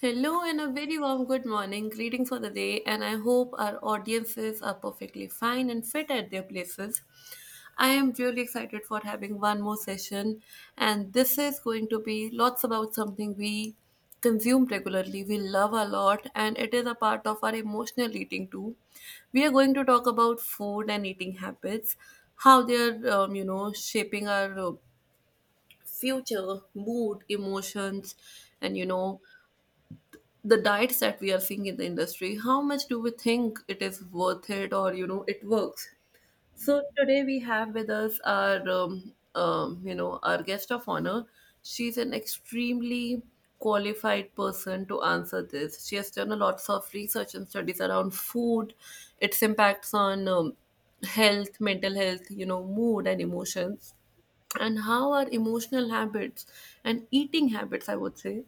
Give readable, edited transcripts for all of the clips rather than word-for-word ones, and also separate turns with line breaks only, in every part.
Hello and a very warm good morning. Greetings for the day, and I hope our audiences are perfectly fine and fit at their places. I am really excited for having one more session, and this is going to be lots about something we consume regularly, we love a lot, and it is a part of our emotional eating too. We are going to talk about food and eating habits, how they are, shaping our future, mood, emotions, and the diets that we are seeing in the industry, how much do we think it is worth it, or it works. So today we have with us our, our guest of honor. She's an extremely qualified person to answer this. She has done a lots of research and studies around food, its impacts on health, mental health, mood and emotions, and how our emotional habits and eating habits, I would say,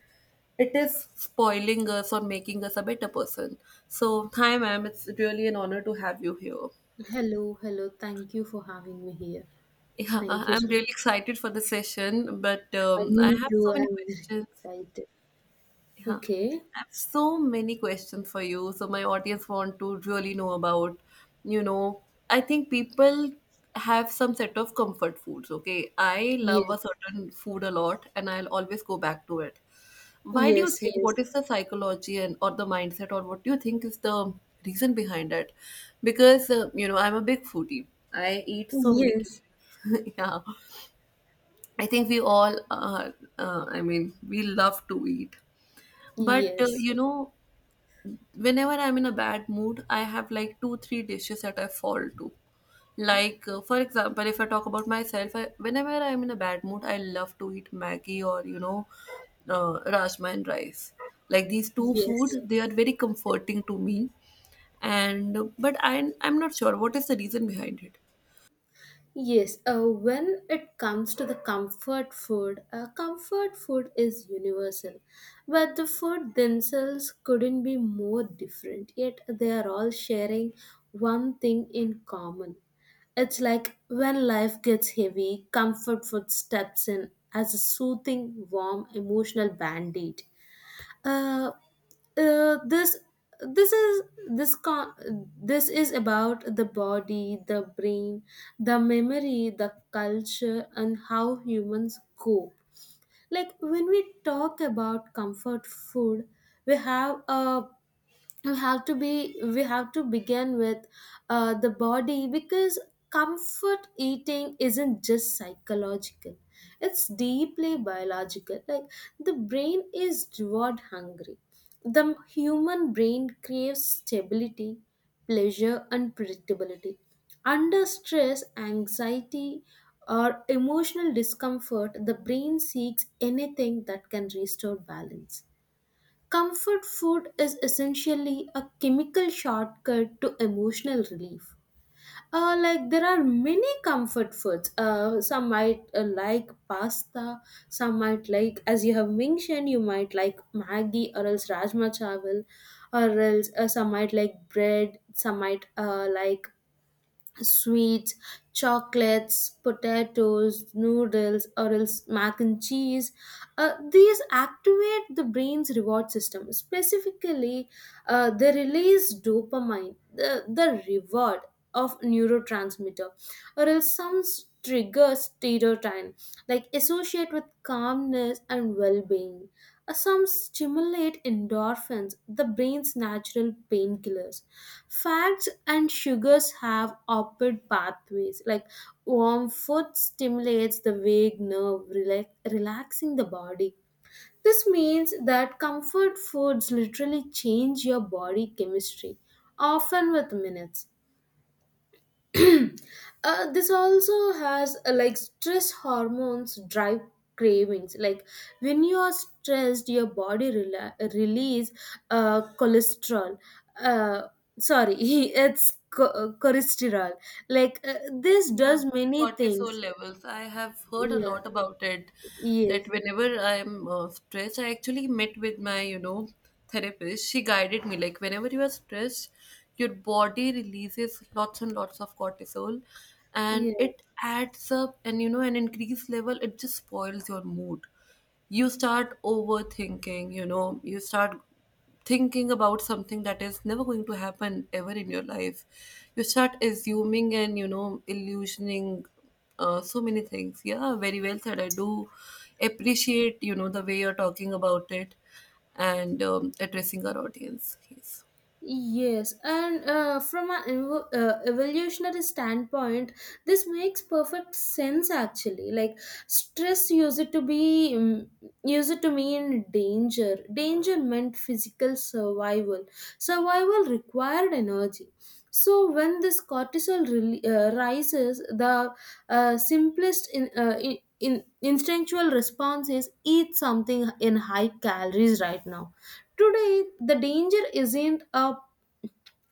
it is spoiling us or making us a better person. So, hi, ma'am. It's really an honor to have you here.
Hello, hello. Thank you for having me here.
Yeah,
Thank you
I'm
so much.
really excited for the session, but
Uh,
I
me
have so
too. I'm
many
very
questions.
excited.
Yeah,
Okay.
I have so many questions for you. So my audience want to really know about, you know, I think people have some set of comfort foods. Okay, I love
Yes.
a certain food a lot, and I'll always go back to it. Why do you
Yes.
think? What is the psychology and or the mindset, or what do you think is the reason behind it? Because I'm a big foodie. I eat so many cuisines.
Yes.
Yeah, I think we all, I mean, we love to eat. But,
Yes.
whenever I'm in a bad mood, I have like two, three dishes that I fall to. Like, for example, if I talk about myself, whenever I'm in a bad mood, I love to eat Maggie, or, rajma and rice. Like these
Yes.
two
Yes.
food, they are very comforting to me. But I'm not sure what is the reason behind it.
Yes, when it comes to the comfort food is universal, but the food themselves couldn't be more different, yet they are all sharing one thing in common. It's like when life gets heavy, comfort food steps in as a soothing, warm, emotional band aid. Uh, uh, this this is this con- this is about the body, the brain, the memory, the culture, and how humans cope. Like when we talk about comfort food, we have a we have to be we have to begin with the body, because comfort eating isn't just psychological, it's deeply biological. Like the brain is reward hungry. The human brain craves stability, pleasure, and predictability. Under stress, anxiety, or emotional discomfort, the brain seeks anything that can restore balance. Comfort food is essentially a chemical shortcut to emotional relief. There are many comfort foods. Some might like pasta, some might like, as you have mentioned, you might like Maggi or else Rajma Chawal, or else some might like bread, some might like sweets, chocolates, potatoes, noodles, or else mac and cheese. These activate the brain's reward system. Specifically, they release dopamine, the reward of neurotransmitter, or else some triggers serotonin, like associate with calmness and well-being. Some stimulate endorphins, the brain's natural painkillers. Fats and sugars have opposite pathways. Like warm food stimulates the vague nerve, relaxing the body. This means that comfort foods literally change your body chemistry, often with minutes. This also has like stress hormones drive cravings, like when you are stressed, your body release cholesterol. uh, Sorry, it's cholesterol. Like this
Yeah,
does many
cortisol
things.
levels. I have heard a
Yeah.
lot about it.
Yes.
That whenever I'm stressed, I actually met with my, therapist. She guided me like, whenever you are stressed, your body releases lots and lots of cortisol, and
Yeah.
it adds up, and an increased level, it just spoils your mood. You start overthinking. You start thinking about something that is never going to happen ever in your life. You start assuming and illusioning so many things. Yeah, very well said. I do appreciate the way you're talking about it and addressing our audience. Yes,
Yes, and from an evolutionary standpoint, this makes perfect sense actually. Like stress used it to mean danger. Danger meant physical survival. Survival required energy. So when this cortisol rele rises, the simplest in instinctual response is eat something in high calories right now. Today, the danger isn't a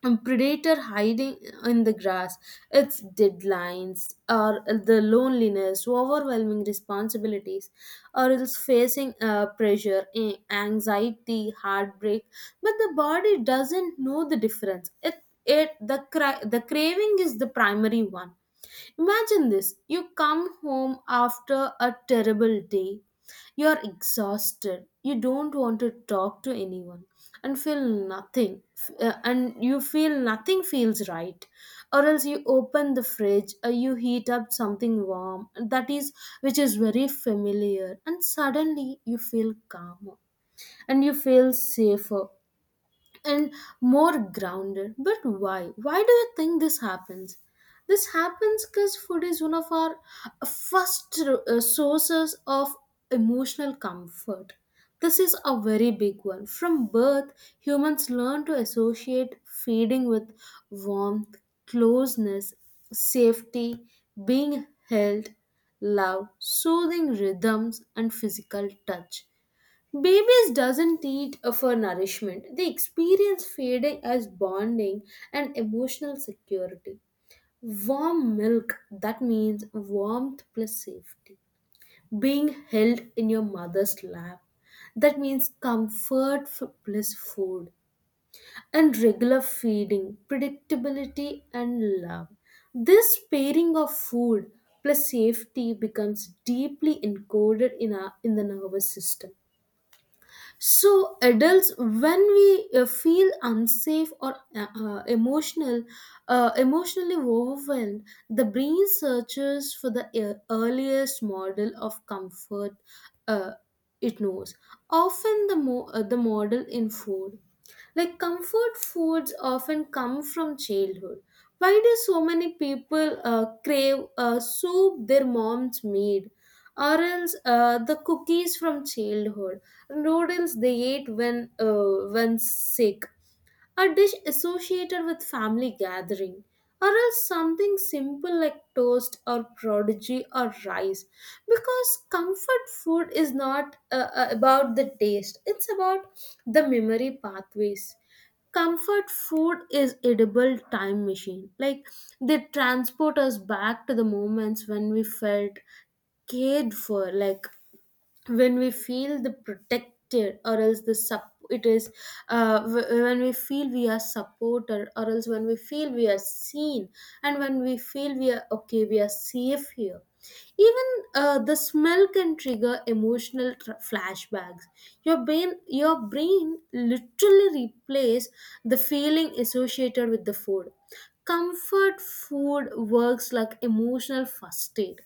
a predator hiding in the grass. It's deadlines, or the loneliness, overwhelming responsibilities, or else facing pressure, anxiety, heartbreak. But the body doesn't know the difference. The craving is the primary one. Imagine this. You come home after a terrible day. You're exhausted. You don't want to talk to anyone and feel nothing. And you feel nothing feels right. Or else you open the fridge or you heat up something warm that is which is very familiar, and suddenly you feel calmer, and you feel safer, and more grounded. But why? Why do you think this happens? This happens because food is one of our first sources of emotional comfort. This is a very big one. From birth, humans learn to associate feeding with warmth, closeness, safety, being held, love, soothing rhythms, and physical touch. Babies doesn't eat for nourishment. They experience feeding as bonding and emotional security. Warm milk, that means warmth plus safety. Being held in your mother's lap, that means comfort plus food. And regular feeding, predictability and love. This pairing of food plus safety becomes deeply encoded in the nervous system. So, adults, when we feel unsafe or emotionally overwhelmed, the brain searches for the earliest model of comfort uh, it knows. Often, the model in food. Like comfort foods often come from childhood. Why do so many people crave soup their moms made, or else the cookies from childhood, noodles they ate when sick, a dish associated with family gathering, or else something simple like toast or prodigy or rice. Because comfort food is not about the taste, it's about the memory pathways. Comfort food is edible time machine. Like they transport us back to the moments when we felt cared for, like when we feel the protected, or else the sup it is w- when we feel we are supported, or else when we feel we are seen, and when we feel we are okay, we are safe here. Even the smell can trigger emotional flashbacks. Your brain literally replays the feeling associated with the food. Comfort food works like emotional first aid.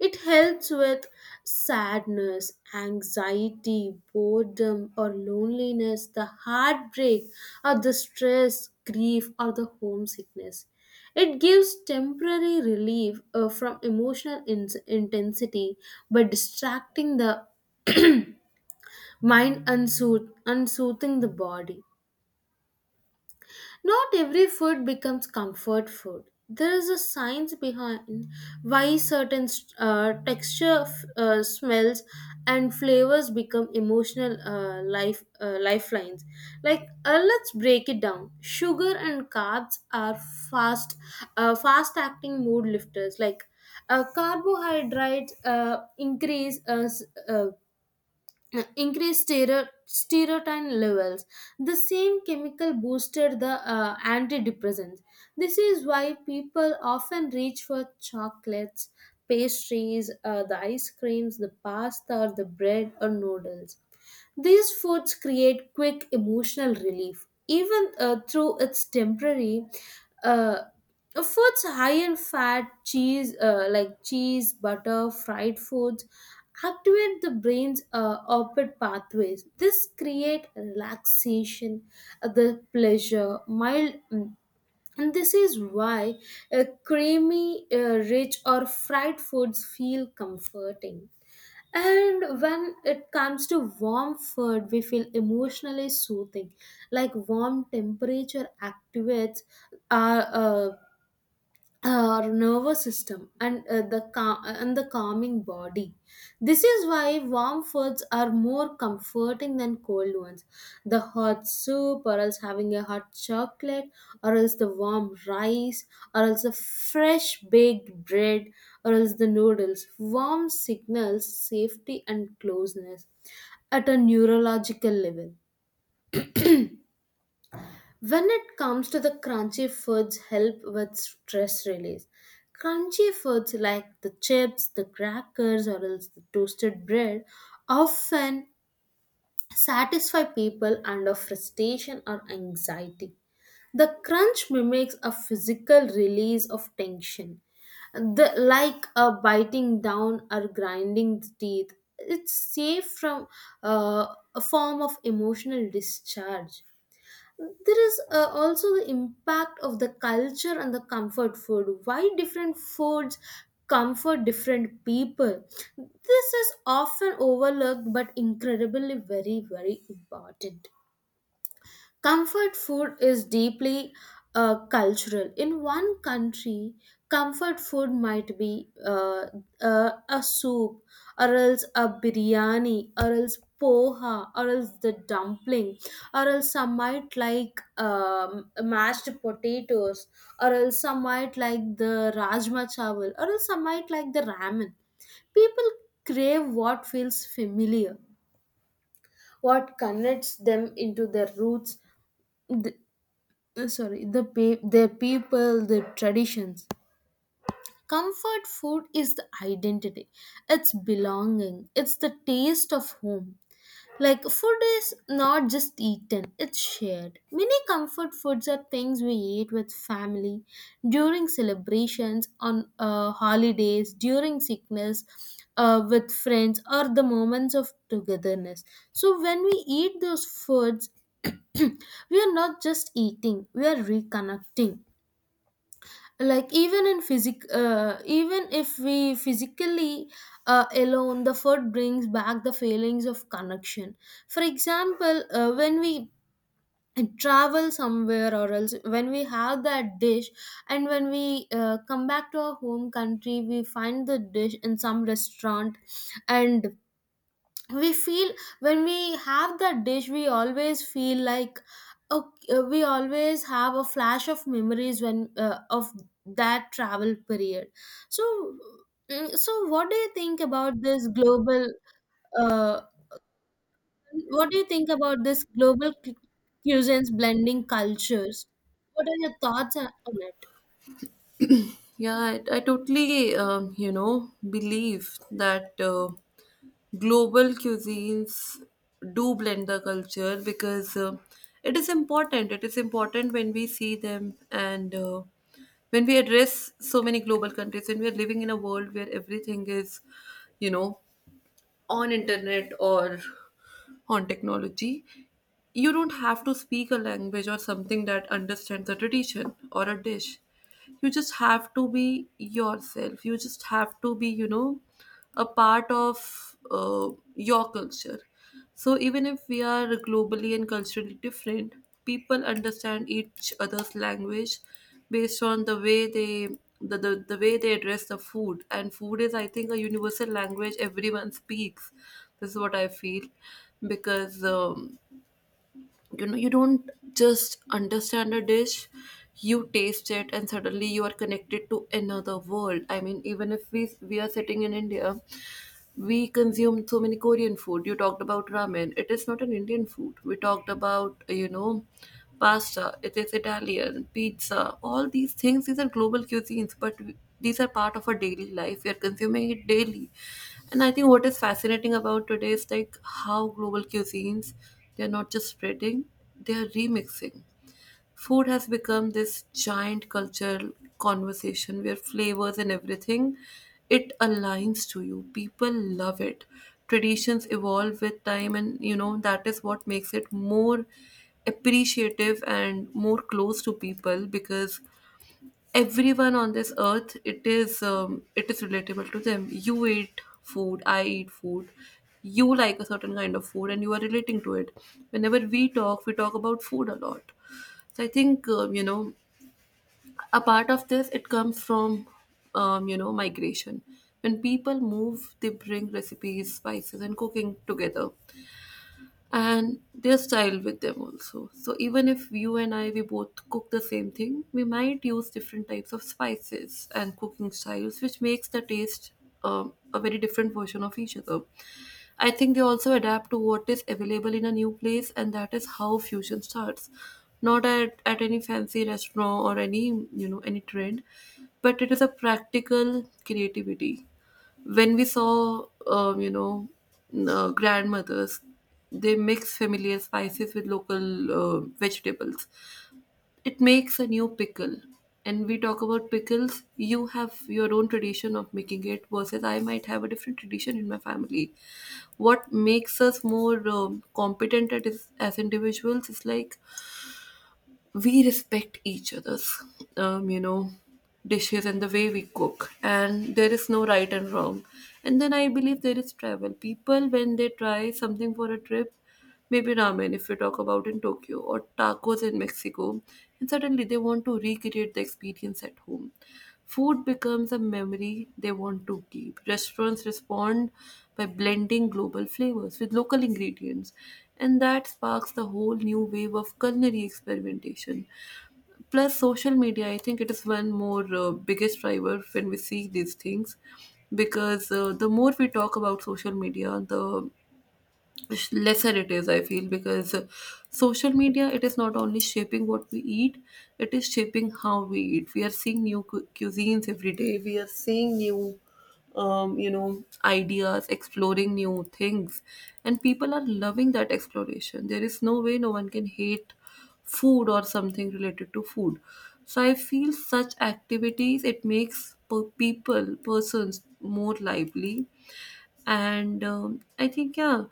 It helps with sadness, anxiety, boredom, or loneliness, the heartbreak, or the stress, grief, or the homesickness. It gives temporary relief from emotional intensity by distracting the mind and soothing the body. Not every food becomes comfort food. There is a science behind why certain texture, smells, and flavors become emotional lifelines. Like let's break it down. Sugar and carbs are fast-acting mood lifters. Like carbohydrates uh, increased serotonin levels. The same chemical boosted the antidepressants. This is why people often reach for chocolates, pastries, the ice creams, the pasta, or the bread or noodles. These foods create quick emotional relief, even through its temporary. Uh, foods high in fat, cheese, butter, fried foods, activate the brain's opposite pathways. This create relaxation, the pleasure, mild. And this is why creamy, rich, or fried foods feel comforting. And when it comes to warm food, we feel emotionally soothing. Like warm temperature activates our uh, our nervous system and the calming body. This is why warm foods are more comforting than cold ones. The hot soup, or else having a hot chocolate, or else the warm rice, or else the fresh baked bread, or else the noodles warm, signals safety and closeness at a neurological level. When it comes to the crunchy foods help with stress release. Crunchy foods like the chips, the crackers or else the toasted bread often satisfy people under frustration or anxiety. The crunch mimics a physical release of tension. The, like a biting down or grinding the teeth, it's safe from a form of emotional discharge. There is also the impact of the culture and the comfort food, why different foods comfort different people. This is often overlooked but incredibly very very important. Comfort food is deeply cultural. In one country, comfort food might be a soup, or else a biryani, or else poha, or else the dumpling, or else some might like mashed potatoes, or else some might like the rajma chawal, or else some might like the ramen. People crave what feels familiar, what connects them into their roots. Sorry, the people, the traditions. Comfort food is the identity. It's belonging. It's the taste of home. Like food is not just eaten, it's shared. Many comfort foods are things we eat with family during celebrations, on holidays, during sickness, with friends, or the moments of togetherness. So when we eat those foods, we are not just eating, we are reconnecting. Like even if we physically alone, the food brings back the feelings of connection. For example, when we travel somewhere or else when we have that dish and when we come back to our home country, we find the dish in some restaurant, and we feel, when we have that dish, we always feel like okay, we always have a flash of memories when of that travel period. So mm, so what do you think about this global uh, what do you think about this global cuisines blending cultures? What are your thoughts on it?
yeah, I totally believe that global cuisines do blend the culture, because it is important. It is important when we see them, and when we address so many global countries, when we are living in a world where everything is, you know, on internet or on technology. You don't have to speak a language or something that understands a tradition or a dish. You just have to be yourself. You just have to be, a part of your culture. So even if we are globally and culturally different, people understand each other's language based on the way they, the way they address the food. And food is, I think, a universal language everyone speaks. This is what I feel, because you don't just understand a dish, you taste it, and suddenly you are connected to another world. I mean, even if we are sitting in India, we consume so many Korean food. You talked about ramen. It is not an Indian food. We talked about, pasta. It is Italian. Pizza, all these things, these are global cuisines, but these are part of our daily life. We are consuming it daily. And I think what is fascinating about today is like how global cuisines, they're not just spreading, they're remixing. Food has become this giant cultural conversation where flavors and everything, it aligns to you. People love it. Traditions evolve with time, and that is what makes it more appreciative and more close to people, because everyone on this earth, it is relatable to them. You eat food, I eat food, you like a certain kind of food, and you are relating to it. Whenever we talk, we talk about food a lot. So I think, a part of this, it comes from migration. When people move, they bring recipes, spices, and cooking together, and their style with them also. So even if you and I, we both cook the same thing, we might use different types of spices and cooking styles, which makes the taste a very different version of each other. I think they also adapt to what is available in a new place, and that is how fusion starts. Not at any fancy restaurant or any, any trend, but it is a practical creativity. When we saw grandmothers, they mix familiar spices with local vegetables, it makes a new pickle. And we talk about pickles. You have your own tradition of making it, versus I might have a different tradition in my family. What makes us more competent at as individuals is like we respect each other's um, you know dishes and the way we cook, and there is no right and wrong. And then I believe there is travel. People when they try something for a trip, maybe ramen if we talk about, in Tokyo, or tacos in Mexico, and suddenly they want to recreate the experience at home. Food becomes a memory they want to keep. Restaurants respond by blending global flavors with local ingredients, and that sparks the whole new wave of culinary experimentation. Plus, social media, I think it is one more biggest driver when we see these things, because the more we talk about social media, the lesser it is, I feel, because social media, it is not only shaping what we eat, it is shaping how we eat. We are seeing new cuisines every day. We are seeing new, ideas, exploring new things, and people are loving that exploration. There is no way, no one can hate food or something related to food. So I feel such activities, it makes people, persons, more lively. And I think, yeah,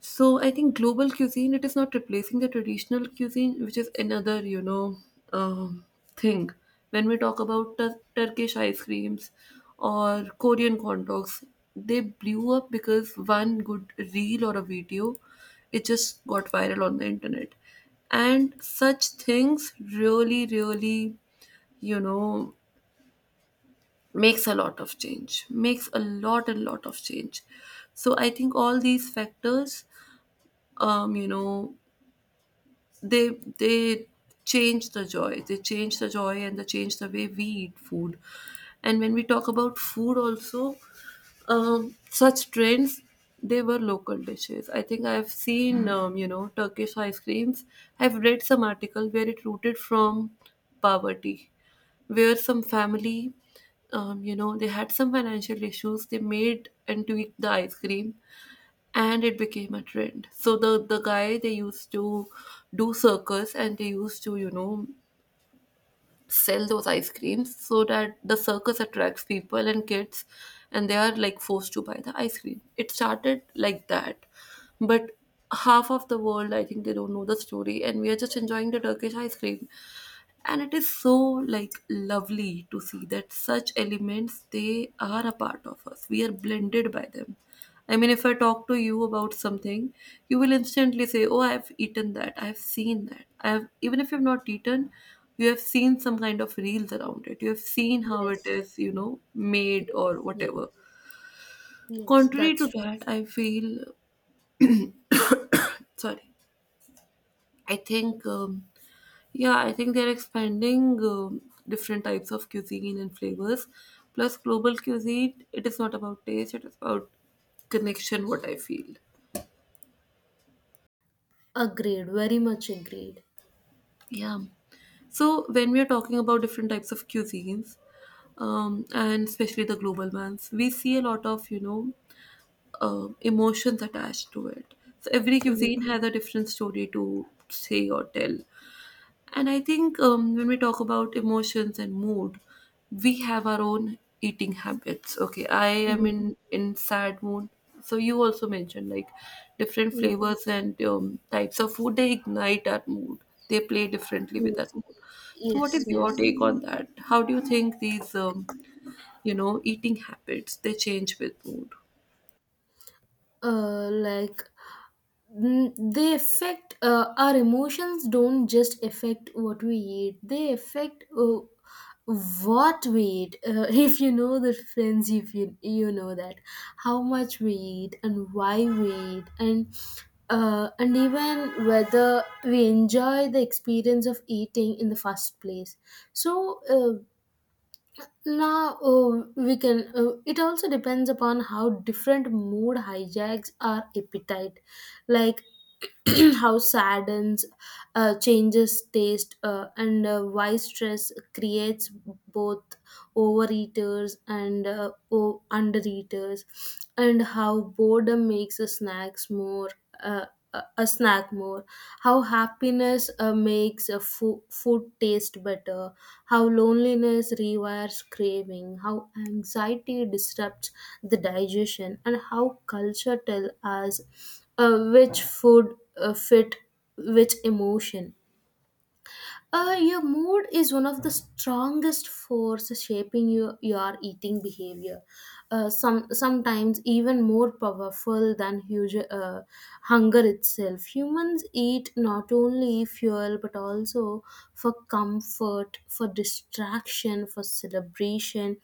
so I think global cuisine, it is not replacing the traditional cuisine, which is another, um, thing. When we talk about Turkish ice creams or Korean corn dogs, they blew up because one good reel or a video, it just got viral on the internet, and such things really, really, you know makes a lot of change, makes a lot and lot of change. So I think all these factors, um you know they they change the joy. They change the joy, and they change the way we eat food. And when we talk about food also, such trends, they were local dishes. I think I've seen. Mm. Turkish ice creams, I've read some article where it rooted from poverty, where some family, they had some financial issues. They made and tweaked the ice cream, and it became a trend. So the guy, they used to do circus, and they used to, sell those ice creams so that the circus attracts people and kids, and they are like forced to buy the ice cream. It started like that. But half of the world, I think they don't know the story, and we are just enjoying the Turkish ice cream. And it is so like lovely to see that such elements, they are a part of us. We are blended by them. I mean, if I talk to you about something, you will instantly say, "Oh, I've eaten that. I've seen that. I've, even if you've not eaten, you have seen some kind of reels around it. You have seen how it
Yes.
is, made
Yes.
or whatever."
Yes. Yes,
Contrary
that's
to
true.
that, I feel, sorry, I think, yeah, I think they're expanding different types of cuisine and flavors. Plus, global cuisine, it is not about taste, it is about connection, what I feel.
Agreed, very much agreed.
Yeah. So when we are talking about different types of cuisines, and especially the global ones, we see a lot of, emotions attached to it. So every
Yes.
cuisine has a different story to say or tell. And I think, when we talk about emotions and mood, we have our own eating habits. Okay, I am in sad mood. So you also mentioned like different
Yes.
flavors and types of food, they ignite our mood. They play differently with our
Yes.
mood. So what
Yes,
is
yes.
your take on that? How do you think these, eating habits, they change with mood?
Uh, like they affect our emotions. Don't just affect what we eat. They affect what we eat. If you know the friends, if you know that how much we eat and why we eat, and even whether we enjoy the experience of eating in the first place. So. Now, oh, we can. It also depends upon how different mood hijacks our appetite, like how saddens, changes taste, and why stress creates both overeaters and undereaters, and how boredom makes the snacks more. Uh, a snack more, how happiness makes a food taste better, how loneliness rewires craving, how anxiety disrupts the digestion, and how culture tell us which food fit which emotion. Your mood is one of the strongest forces shaping your eating behavior. Sometimes even more powerful than huge hunger itself. Humans eat not only fuel but also for comfort, for distraction, for celebration,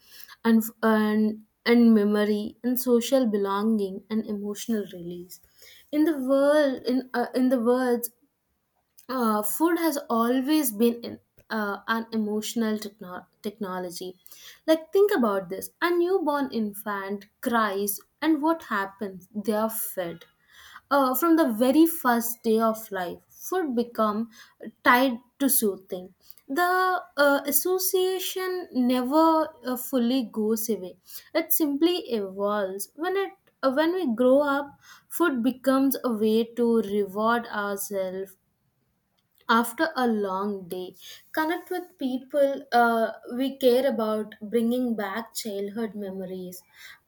and memory and social belonging and emotional release in the world in the words food has always been an emotional technology. Like, think about this, a newborn infant cries, and what happens? They are fed. From the very first day of life, food become tied to soothing. The association never fully goes away. It simply evolves. When we grow up, food becomes a way to reward ourselves after a long day, connect with people we care about, bringing back childhood memories,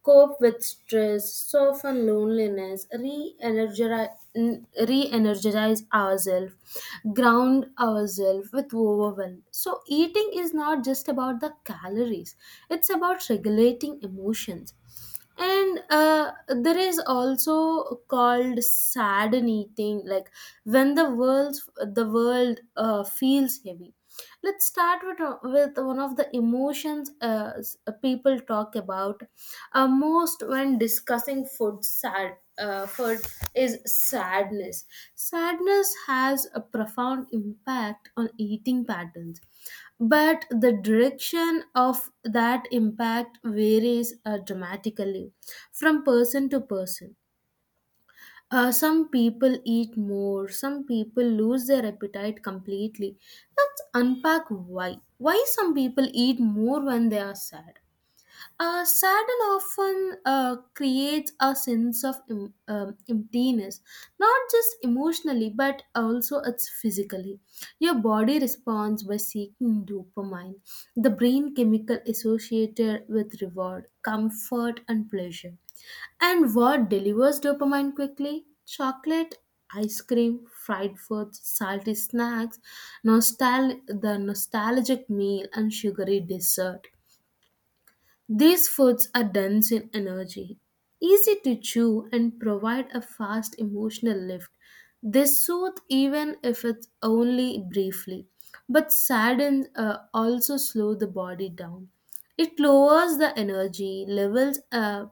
cope with stress, soften loneliness, re-energize ourselves, ground ourselves with overwhelm. So eating is not just about the calories, it's about regulating emotions. And there is also called sad eating, like when the world the world feels heavy. Let's start with one of the emotions people talk about most when discussing food. Sad food is sadness. Sadness has a profound impact on eating patterns, but the direction of that impact varies dramatically from person to person. Some people eat more, some people lose their appetite completely. Let's unpack why. Why some people eat more when they are sad? Sadden often creates a sense of emptiness, not just emotionally but also it's physically. Your body responds by seeking dopamine, the brain chemical associated with reward, comfort, and pleasure. And what delivers dopamine quickly? Chocolate, ice cream, fried foods, salty snacks, the nostalgic meal, and sugary dessert. These foods are dense in energy, easy to chew, and provide a fast emotional lift. They soothe even if it's only briefly, but sadden also slow the body down. It lowers the energy levels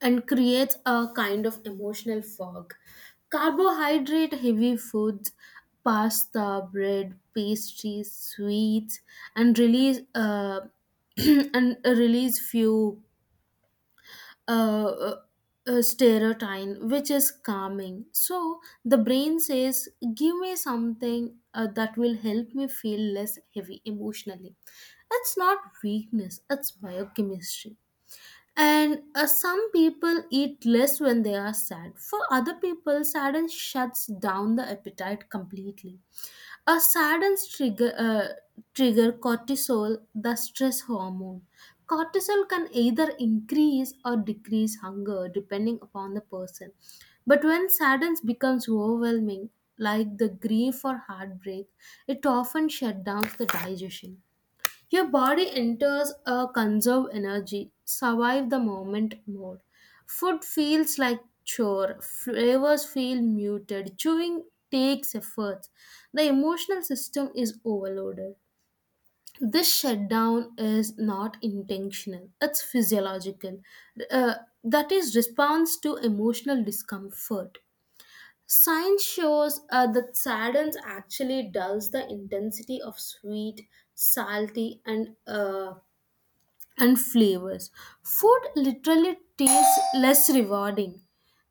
and creates a kind of emotional fog. Carbohydrate heavy foods, pasta, bread, pastries, sweets, and release and release few uh, uh, serotonin, which is calming. So the brain says, "Give me something that will help me feel less heavy emotionally." It's not weakness; it's biochemistry. And some people eat less when they are sad. For other people, sadness shuts down the appetite completely. A sadness trigger cortisol, the stress hormone. Cortisol can either increase or decrease hunger depending upon the person. But when sadness becomes overwhelming, like the grief or heartbreak, it often shuts down the digestion. Your body enters a conserve energy, survive the moment mode. Food feels like chore, flavors feel muted, chewing takes effort. The emotional system is overloaded. This shutdown is not intentional, it's physiological. Uh, that is response to emotional discomfort. Science shows that sadness actually dulls the intensity of sweet, salty, and flavors. Food literally tastes less rewarding.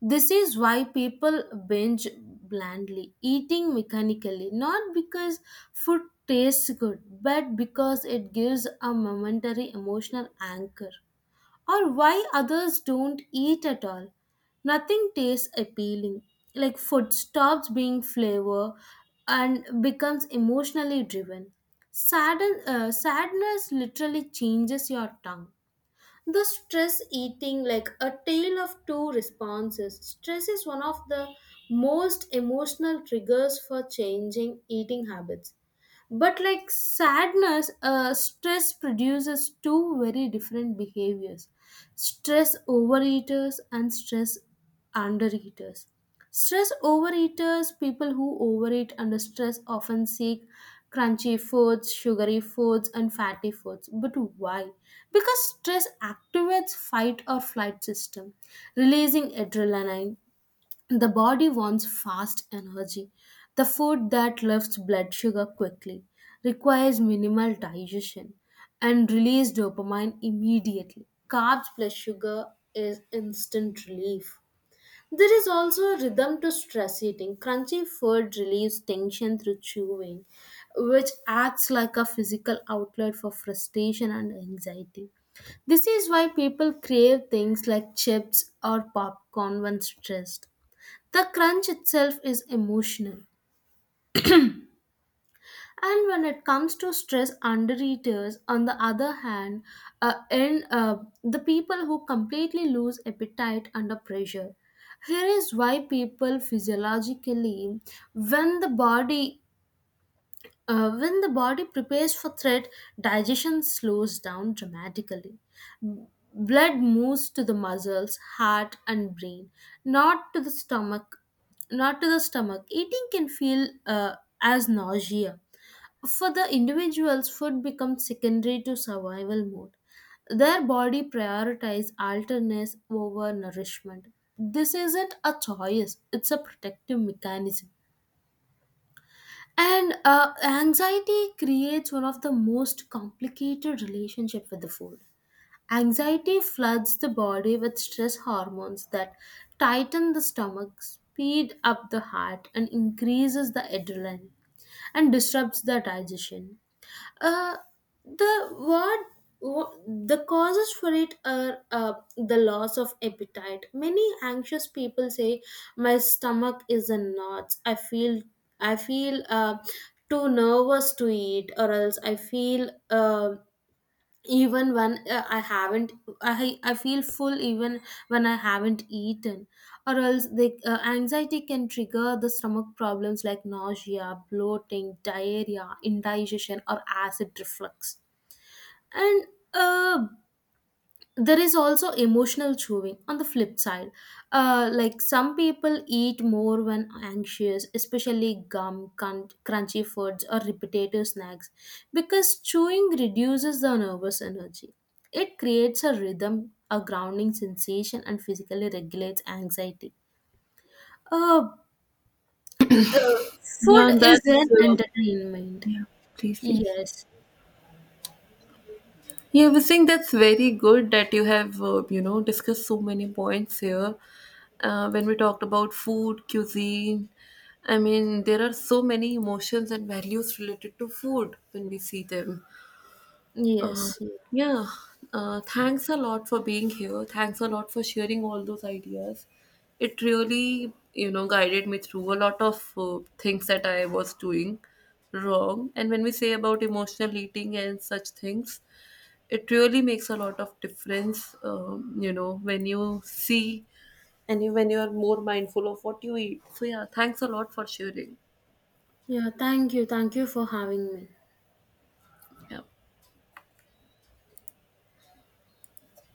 This is why people binge blandly, eating mechanically, not because food tastes good, but because it gives a momentary emotional anchor, or why others don't eat at all. Nothing tastes appealing. Like food stops being flavor and becomes emotionally driven. Sadness literally changes your tongue. The stress eating, like a tale of two responses. Stress is one of the most emotional triggers for changing eating habits, but like sadness, stress produces two very different behaviors: stress overeaters and stress undereaters. Stress overeaters, people who overeat under stress, often seek crunchy foods, sugary foods, and fatty foods. But why? Because stress activates fight or flight system, releasing adrenaline. The body wants fast energy. The food that lifts blood sugar quickly requires minimal digestion and release dopamine immediately. Carbs plus sugar is instant relief. There is also a rhythm to stress eating. Crunchy food relieves tension through chewing, which acts like a physical outlet for frustration and anxiety. This is why people crave things like chips or popcorn when stressed. The crunch itself is emotional. And when it comes to stress undereaters, on the other hand, in the people who completely lose appetite under pressure. Here is why people physiologically, when the body when the body prepares for threat, digestion slows down dramatically. B- Blood moves to the muscles, heart, and brain, not to the stomach. Not to the stomach. Eating can feel as nausea. For the individuals, food becomes secondary to survival mode. Their body prioritizes alterness over nourishment. This isn't a choice; it's a protective mechanism. And anxiety creates one of the most complicated relationship with the food. Anxiety floods the body with stress hormones that tighten the stomach, speed up the heart, and increases the adrenaline and disrupts the digestion. Uh, the what what- the causes for it are the loss of appetite. Many anxious people say, "My stomach is in knots. I feel too nervous to eat, or else I feel." Even when I haven't I, feel full even when I haven't eaten, or else the anxiety can trigger the stomach problems like nausea, bloating, diarrhea, indigestion, or acid reflux. And uh, there is also emotional chewing on the flip side. Like some people eat more when anxious, especially gum, crunchy foods, or repetitive snacks, because chewing reduces the nervous energy. It creates a rhythm, a grounding sensation, and physically regulates anxiety. uh, uh,
Yeah,
Food
and
is
that's
an entertainment.
yeah. Please, please.
Yes.
Yeah, I think that's very good that you have, discussed so many points here. When we talked about food, cuisine, I mean, there are so many emotions and values related to food when we see them. Uh,
Yes. Yes.
yeah, thanks a lot for being here. Thanks a lot for sharing all those ideas. It really, guided me through a lot of things that I was doing wrong. And when we say about emotional eating and such things, it really makes a lot of difference, when you see, and you, when you are more mindful of what you eat. So yeah, thanks a lot for sharing.
Yeah, thank you. Thank you for having me.
Yeah.